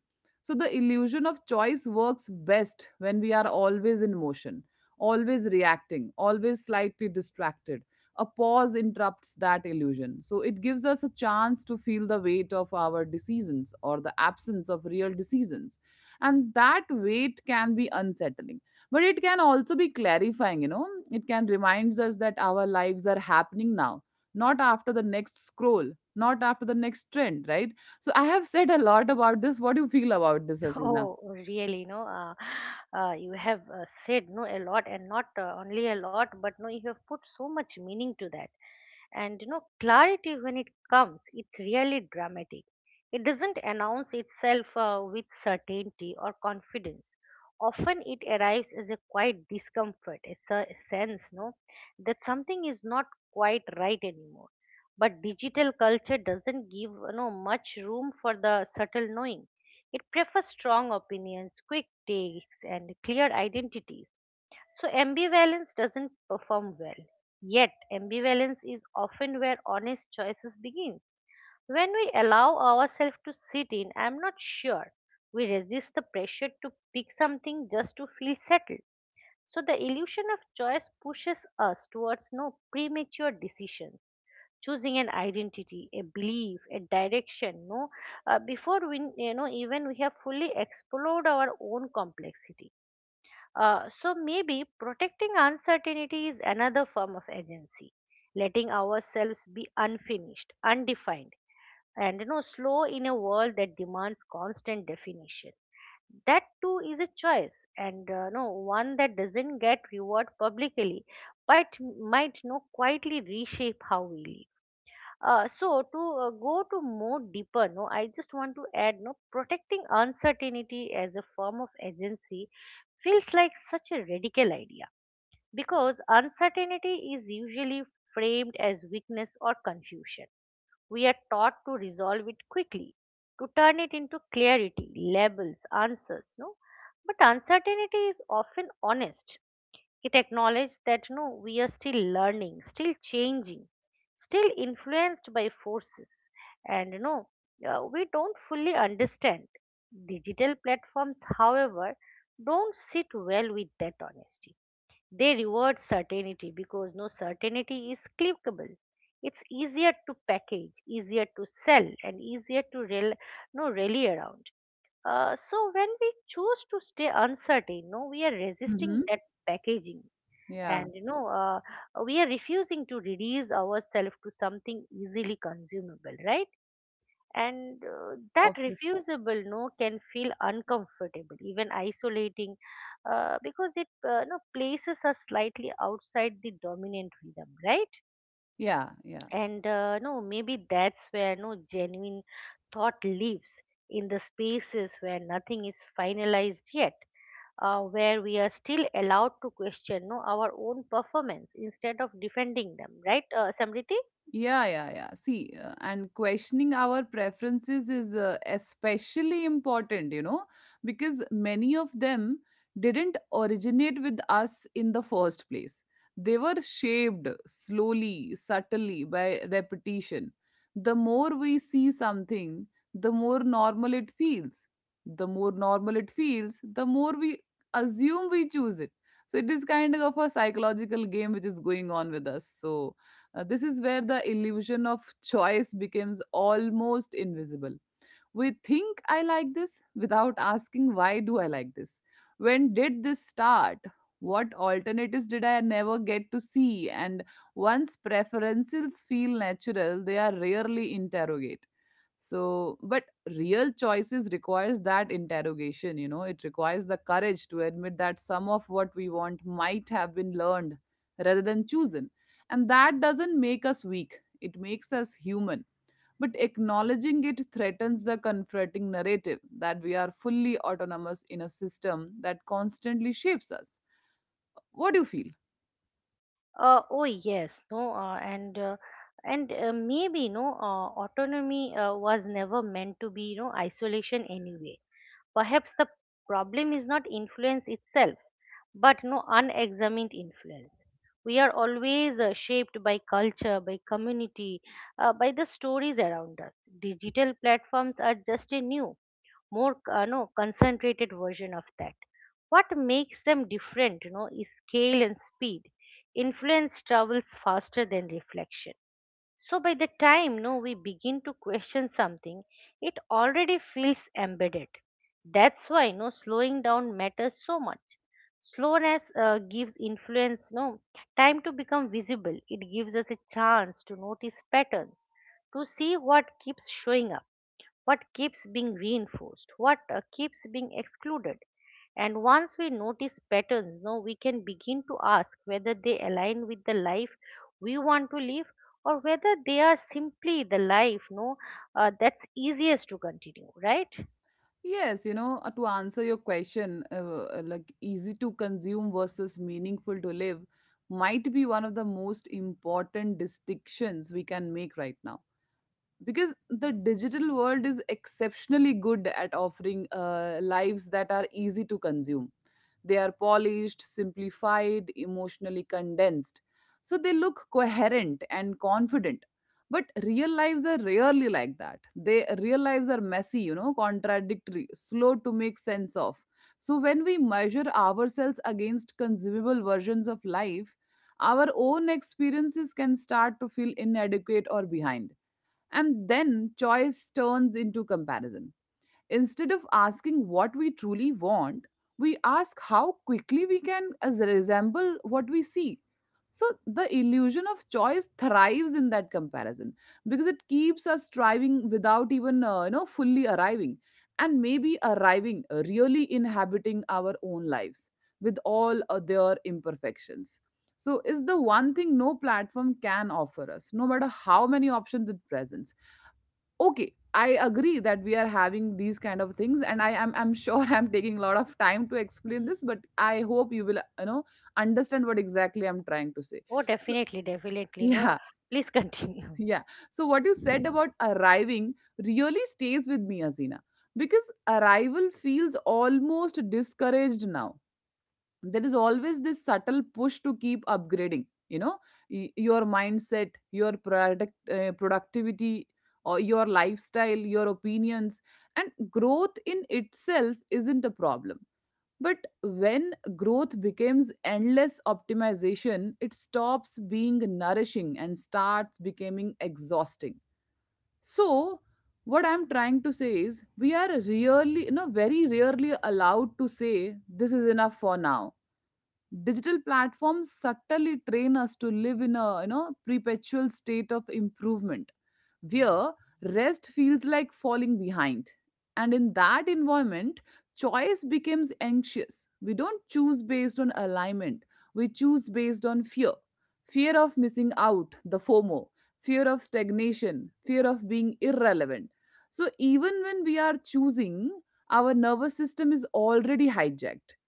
[SPEAKER 1] So the illusion of choice works best when we are always in motion, always reacting, always slightly distracted. A pause interrupts that illusion, so it gives us a chance to feel the weight of our decisions, or the absence of real decisions. And that weight can be unsettling, but it can also be clarifying. You know, it can reminds us that our lives are happening now, not after the next scroll, not after the next trend, right? So I have said a lot about this. What do you feel about this, Asina?
[SPEAKER 2] Oh, really? No, you have said no a lot, and not only a lot, but no, you have put so much meaning to that. And clarity, when it comes, it's really dramatic. It doesn't announce itself with certainty or confidence. Often it arrives as a quiet discomfort, a sense, no, that something is not quite right anymore. But digital culture doesn't give, much room for the subtle knowing. It prefers strong opinions, quick takes, and clear identities. So ambivalence doesn't perform well. Yet ambivalence is often where honest choices begin. When we allow ourselves to sit in, I'm not sure, we resist the pressure to pick something just to feel settled. So the illusion of choice pushes us towards no premature decisions. Choosing an identity, a belief, a direction, no, before we, you know, even we have fully explored our own complexity. So maybe protecting uncertainty is another form of agency, letting ourselves be unfinished, undefined, and slow in a world that demands constant definition. That too is a choice, and one that doesn't get reward publicly, but might no quietly reshape how we live. So to go to more deeper, no, I just want to add, no, protecting uncertainty as a form of agency feels like such a radical idea because uncertainty is usually framed as weakness or confusion. We are taught to resolve it quickly, to turn it into clarity, labels, answers, no. But uncertainty is often honest. It acknowledged that no, we are still learning, still changing, still influenced by forces, and we don't fully understand. Digital platforms, however, don't sit well with that honesty. They reward certainty because no certainty is clickable. It's easier to package, easier to sell, and easier to rel- no rally around. So when we choose to stay uncertain, no, we are
[SPEAKER 1] Mm-hmm.
[SPEAKER 2] resisting that packaging
[SPEAKER 1] Yeah.
[SPEAKER 2] and we are refusing to reduce ourselves to something easily consumable, right? And that
[SPEAKER 1] Of.
[SPEAKER 2] refusable no can feel uncomfortable, even isolating, because it places us slightly outside the dominant rhythm, right?
[SPEAKER 1] Yeah, yeah.
[SPEAKER 2] And maybe that's where no genuine thought lives, in the spaces where nothing is finalized yet, where we are still allowed to question, no, our own performance instead of defending them, right? Samriti.
[SPEAKER 1] Yeah, yeah, yeah. See, and questioning our preferences is especially important, you know, because many of them didn't originate with us in the first place. They were shaped slowly, subtly, by repetition. The more we see something, the more normal it feels. The more normal it feels, the more we assume we choose it. So it is kind of a psychological game which is going on with us. So, this is where the illusion of choice becomes almost invisible. We think, I like this, without asking, why do I like this? When did this start? What alternatives did I never get to see? And once preferences feel natural, they are rarely interrogated. So, but real choices requires that interrogation, you know. It requires the courage to admit that some of what we want might have been learned rather than chosen. And that doesn't make us weak, it makes us human. But acknowledging it threatens the comforting narrative that we are fully autonomous in a system that constantly shapes us. What do you feel?
[SPEAKER 2] Oh yes. No and maybe autonomy was never meant to be no isolation anyway. Perhaps the problem is not influence itself but no unexamined influence. We are always shaped by culture, by community, by the stories around us. Digital platforms are just a new, more no concentrated version of that. What makes them different, is scale and speed. Influence travels faster than reflection. So by the time no we begin to question something, it already feels embedded. That's why no slowing down matters so much. Slowness gives influence no time to become visible. It gives us a chance to notice patterns, to see what keeps showing up, what keeps being reinforced, what keeps being excluded. And once we notice patterns, no, we can begin to ask whether they align with the life we want to live, or whether they are simply the life no that's easiest to continue, right?
[SPEAKER 1] Yes, you know, to answer your question, like, easy to consume versus meaningful to live might be one of the most important distinctions we can make right now, because the digital world is exceptionally good at offering lives that are easy to consume. They are polished, simplified, emotionally condensed, so they look coherent and confident. But real lives are rarely like that. They, real lives are messy, you know, contradictory, slow to make sense of. So when we measure ourselves against consumable versions of life, our own experiences can start to feel inadequate or behind, and then choice turns into comparison. Instead of asking what we truly want, we ask how quickly we can as resemble what we see. So the illusion of choice thrives in that comparison, because it keeps us striving without even you know, fully arriving. And maybe arriving, really inhabiting our own lives with all their imperfections, so is the one thing no platform can offer us, no matter how many options it presents. Okay, I agree that we are having these kind of things, and I'm sure I'm taking a lot of time to explain this, but I hope you will, you know, understand what exactly I'm trying to say.
[SPEAKER 2] Oh,
[SPEAKER 1] So,
[SPEAKER 2] definitely, definitely, no
[SPEAKER 1] yeah.
[SPEAKER 2] please continue.
[SPEAKER 1] Yeah. So what you said about arriving really stays with me, Azina, because arrival feels almost discouraged now. There is always this subtle push to keep upgrading, you know, your mindset, your productivity, or your lifestyle, your opinions. And growth in itself isn't a problem, but when growth becomes endless optimization, it stops being nourishing and starts becoming exhausting. So what I'm trying to say is, we are rarely, you know, very rarely allowed to say, this is enough for now. Digital platforms subtly train us to live in a, you know, perpetual state of improvement, where rest feels like falling behind. And in that environment, choice becomes anxious. We don't choose based on alignment, we choose based on fear. Fear of missing out, the FOMO, fear of stagnation, fear of being irrelevant. So even when we are choosing, our nervous system is already hijacked,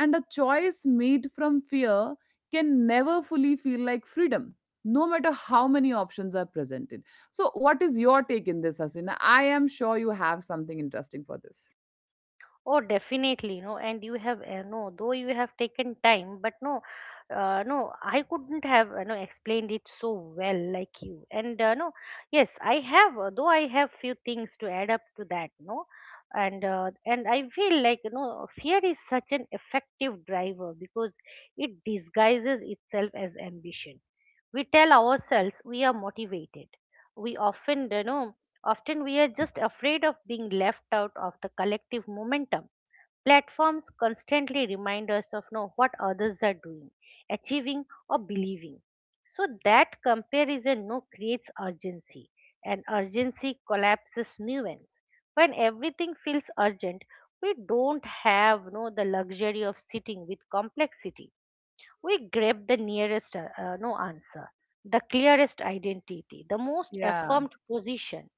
[SPEAKER 1] and a choice made from fear can never fully feel like freedom, no matter how many options are presented. So what is your take in this, Hasina? I am sure you have something interesting for this.
[SPEAKER 2] Oh, definitely, no. And you have, no, though you have taken time, but no, I couldn't have, no, explained it so well like you. And no, yes, I have, though I have few things to add up to that, no. And I feel like, fear is such an effective driver because it disguises itself as ambition. We tell ourselves we are motivated. We often, you know, Often we are just afraid of being left out of the collective momentum. Platforms constantly remind us of know what others are doing, achieving, or believing. So that comparison no creates urgency, and urgency collapses nuance. When everything feels urgent, we don't have no the luxury of sitting with complexity. We grab the nearest, no answer, the clearest identity, the most
[SPEAKER 1] Yeah.
[SPEAKER 2] affirmed position,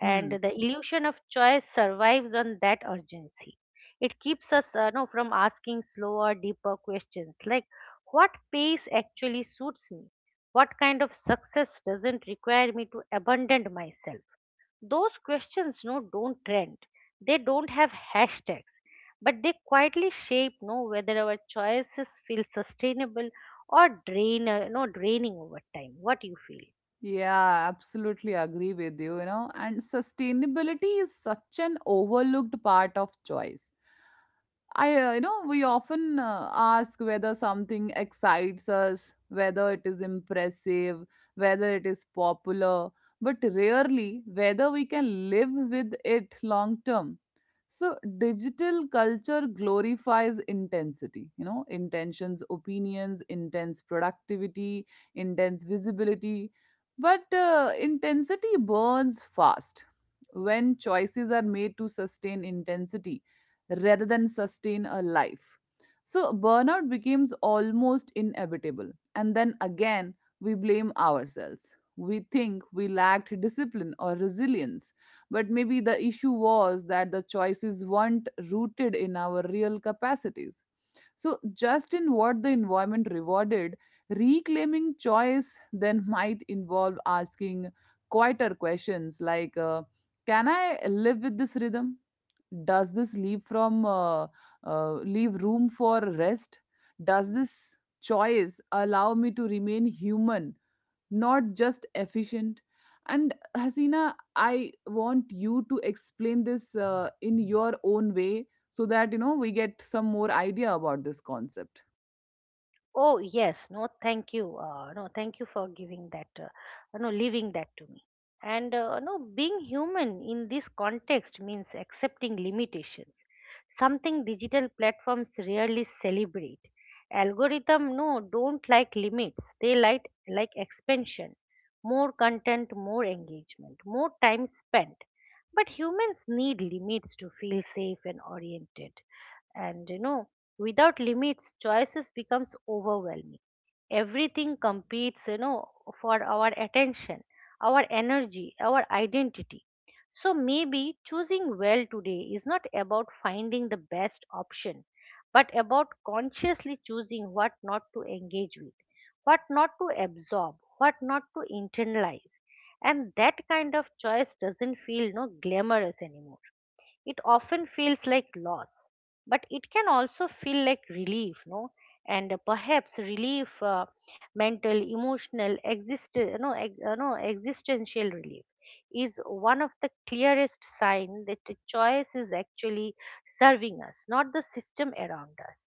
[SPEAKER 2] and
[SPEAKER 1] Hmm.
[SPEAKER 2] the illusion of choice survives on that urgency. It keeps us, no, from asking slower, deeper questions like what pace actually suits me, what kind of success doesn't require me to abandon myself. Those questions don't trend. They don't have hashtags, but they quietly shape no whether our choices feel sustainable, or drain no draining over time. What do you feel?
[SPEAKER 1] Yeah, absolutely agree with you, you know. And sustainability is such an overlooked part of choice. I, you know, we often ask whether something excites us, whether it is impressive, whether it is popular, but rarely whether we can live with it long term. So, digital culture glorifies intensity, you know, intentions, opinions, intense productivity, intense visibility, but intensity burns fast. When choices are made to sustain intensity rather than sustain a life, so burnout becomes almost inevitable. And then again, we blame ourselves. We think we lacked discipline or resilience, but maybe the issue was that the choices weren't rooted in our real capacities. So, just in what the environment rewarded, reclaiming choice then might involve asking quieter questions like, can I live with this rhythm? Does this leave from leave room for rest? Does this choice allow me to remain human, not just efficient. And Hasina, I want you to explain this in your own way, so that, you know, we get some more idea about this concept.
[SPEAKER 2] Oh yes, thank you. No, Thank you for giving that. No, Leaving that to me. And no, being human in this context means accepting limitations. Something digital platforms rarely celebrate. Algorithm don't like limits. They like expansion, more content, more engagement, more time spent. But humans need limits to feel safe and oriented, and without limits choices becomes overwhelming. Everything competes, for our attention, our energy, our identity. So maybe choosing well today is not about finding the best option, but about consciously choosing what not to engage with, what not to absorb, what not to internalize. And that kind of choice doesn't feel no glamorous anymore. It often feels like loss, but it can also feel like relief no And perhaps relief, mental, emotional, exist no, ex- no existential relief is one of the clearest signs that the choice is actually serving us, not the system around us.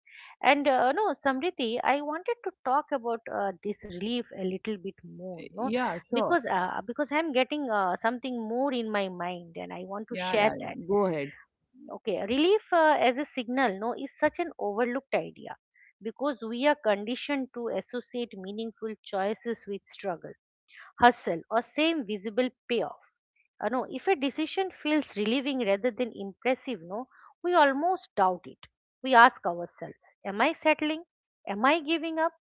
[SPEAKER 2] And uh, no Samriti, I wanted to talk about this relief a little bit more no
[SPEAKER 1] Yeah, sure.
[SPEAKER 2] Because I'm getting something more in my mind, and I want to
[SPEAKER 1] Yeah,
[SPEAKER 2] share
[SPEAKER 1] yeah,
[SPEAKER 2] that.
[SPEAKER 1] yeah. Go ahead.
[SPEAKER 2] Okay, relief as a signal, no, is such an overlooked idea because we are conditioned to associate meaningful choices with struggle, hustle, or same visible payoff. No, if a decision feels relieving rather than impressive, no, we almost doubt it. We ask ourselves, am I settling? Am I giving up?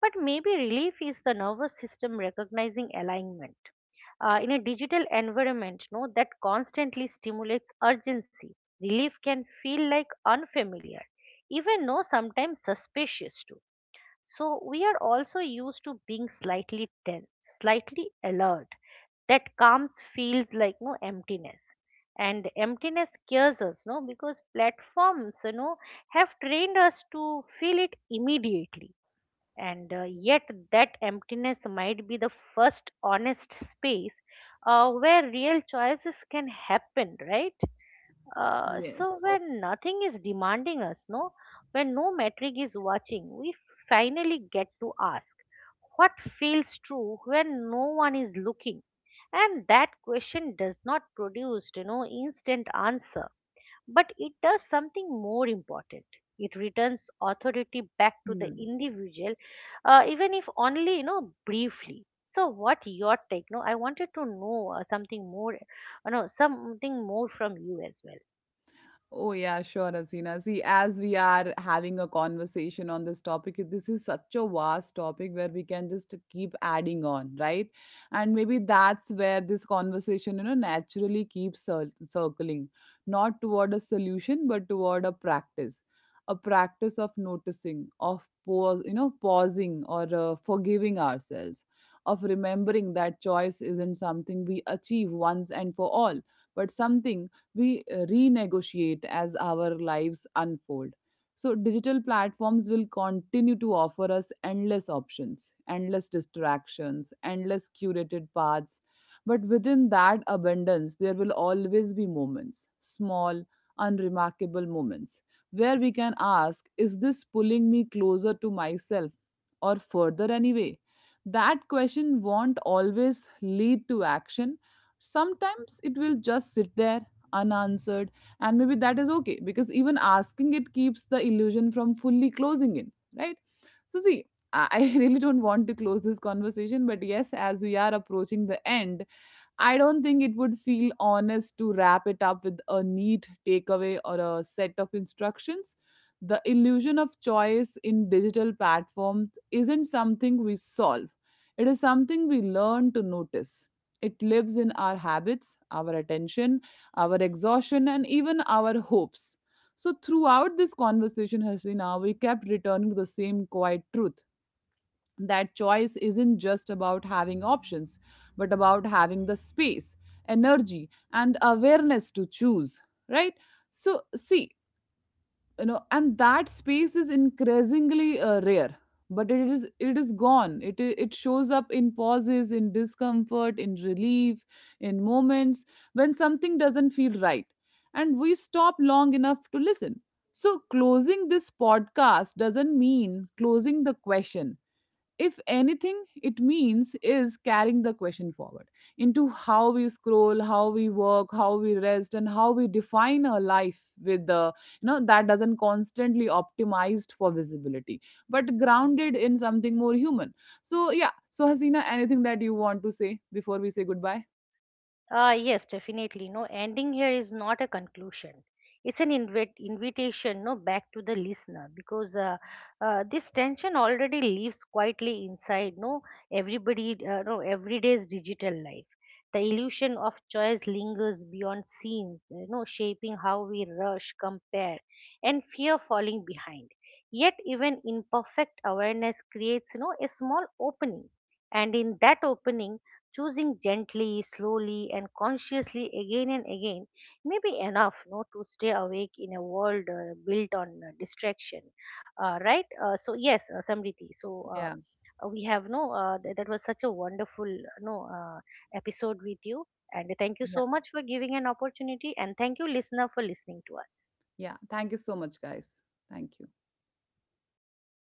[SPEAKER 2] But maybe relief is the nervous system recognizing alignment, in a digital environment no that constantly stimulates urgency. Relief can feel like unfamiliar, even no sometimes suspicious too. So we are also used to being slightly tense, slightly alert, that comes feels like no emptiness. And emptiness scares us no because platforms, have trained us to feel it immediately. And yet, that emptiness might be the first honest space, where real choices can happen, right? uh,
[SPEAKER 1] Yes.
[SPEAKER 2] so when nothing is demanding us, when no metric is watching, we finally get to ask what feels true when no one is looking. And that question does not produce, instant answer, but it does something more important. It returns authority back to the
[SPEAKER 1] Hmm.
[SPEAKER 2] individual, even if only, briefly. So, what your take? No, I wanted to know, something more, no, something more from you as well.
[SPEAKER 1] Oh, yeah, sure, Asina. See, as we are having a conversation on this topic, this is such a vast topic where we can just keep adding on, right? And maybe that's where this conversation, you know, naturally keeps circling, not toward a solution, but toward a practice. A practice of noticing, of pause, you know, pausing, or forgiving ourselves, of remembering that choice isn't something we achieve once and for all, but something we renegotiate as our lives unfold. So, digital platforms will continue to offer us endless options, endless distractions, endless curated paths. But within that abundance, there will always be moments, small, unremarkable moments, where we can ask, is this pulling me closer to myself or further anyway? That question won't always lead to action. Sometimes it will just sit there unanswered, and maybe that is okay, because even asking it keeps the illusion from fully closing in, right? So see, I really don't want to close this conversation, but yes, as we are approaching the end, I don't think it would feel honest to wrap it up with a neat takeaway or a set of instructions. The illusion of choice in digital platforms isn't something we solve, it is something we learn to notice. It lives in our habits, our attention, our exhaustion, and even our hopes. So, throughout this conversation, Hasina, we kept returning to the same quiet truth, that choice isn't just about having options, but about having the space, energy, and awareness to choose, right? So, see, you know, and that space is increasingly rare. But it is gone. It shows up in pauses, in discomfort, in relief, in moments when something doesn't feel right and we stop long enough to listen. So closing this podcast doesn't mean closing the question. If anything, it means is carrying the question forward into how we scroll, how we work, how we rest, and how we define our life with the, you know, that doesn't constantly optimized for visibility, but grounded in something more human. So yeah. So Hasina, anything that you want to say before we say goodbye?
[SPEAKER 2] Ah, yes, definitely. No, Ending here is not a conclusion. It's an invitation, no, back to the listener, because this tension already lives quietly inside, no, everybody, no, everyday's digital life. The illusion of choice lingers beyond scenes, shaping how we rush, compare, and fear falling behind. Yet, even imperfect awareness creates a small opening, and in that opening, choosing gently, slowly, and consciously again and again may be enough no, to stay awake in a world built on distraction. Right? So, yes, Samriti. So,
[SPEAKER 1] Yeah.
[SPEAKER 2] we have no, th- that was such a wonderful no, episode with you. And thank you
[SPEAKER 1] Yeah,
[SPEAKER 2] so much for giving an opportunity. And thank you, listener, for listening to us.
[SPEAKER 1] yeah. thank you so much, guys. Thank you.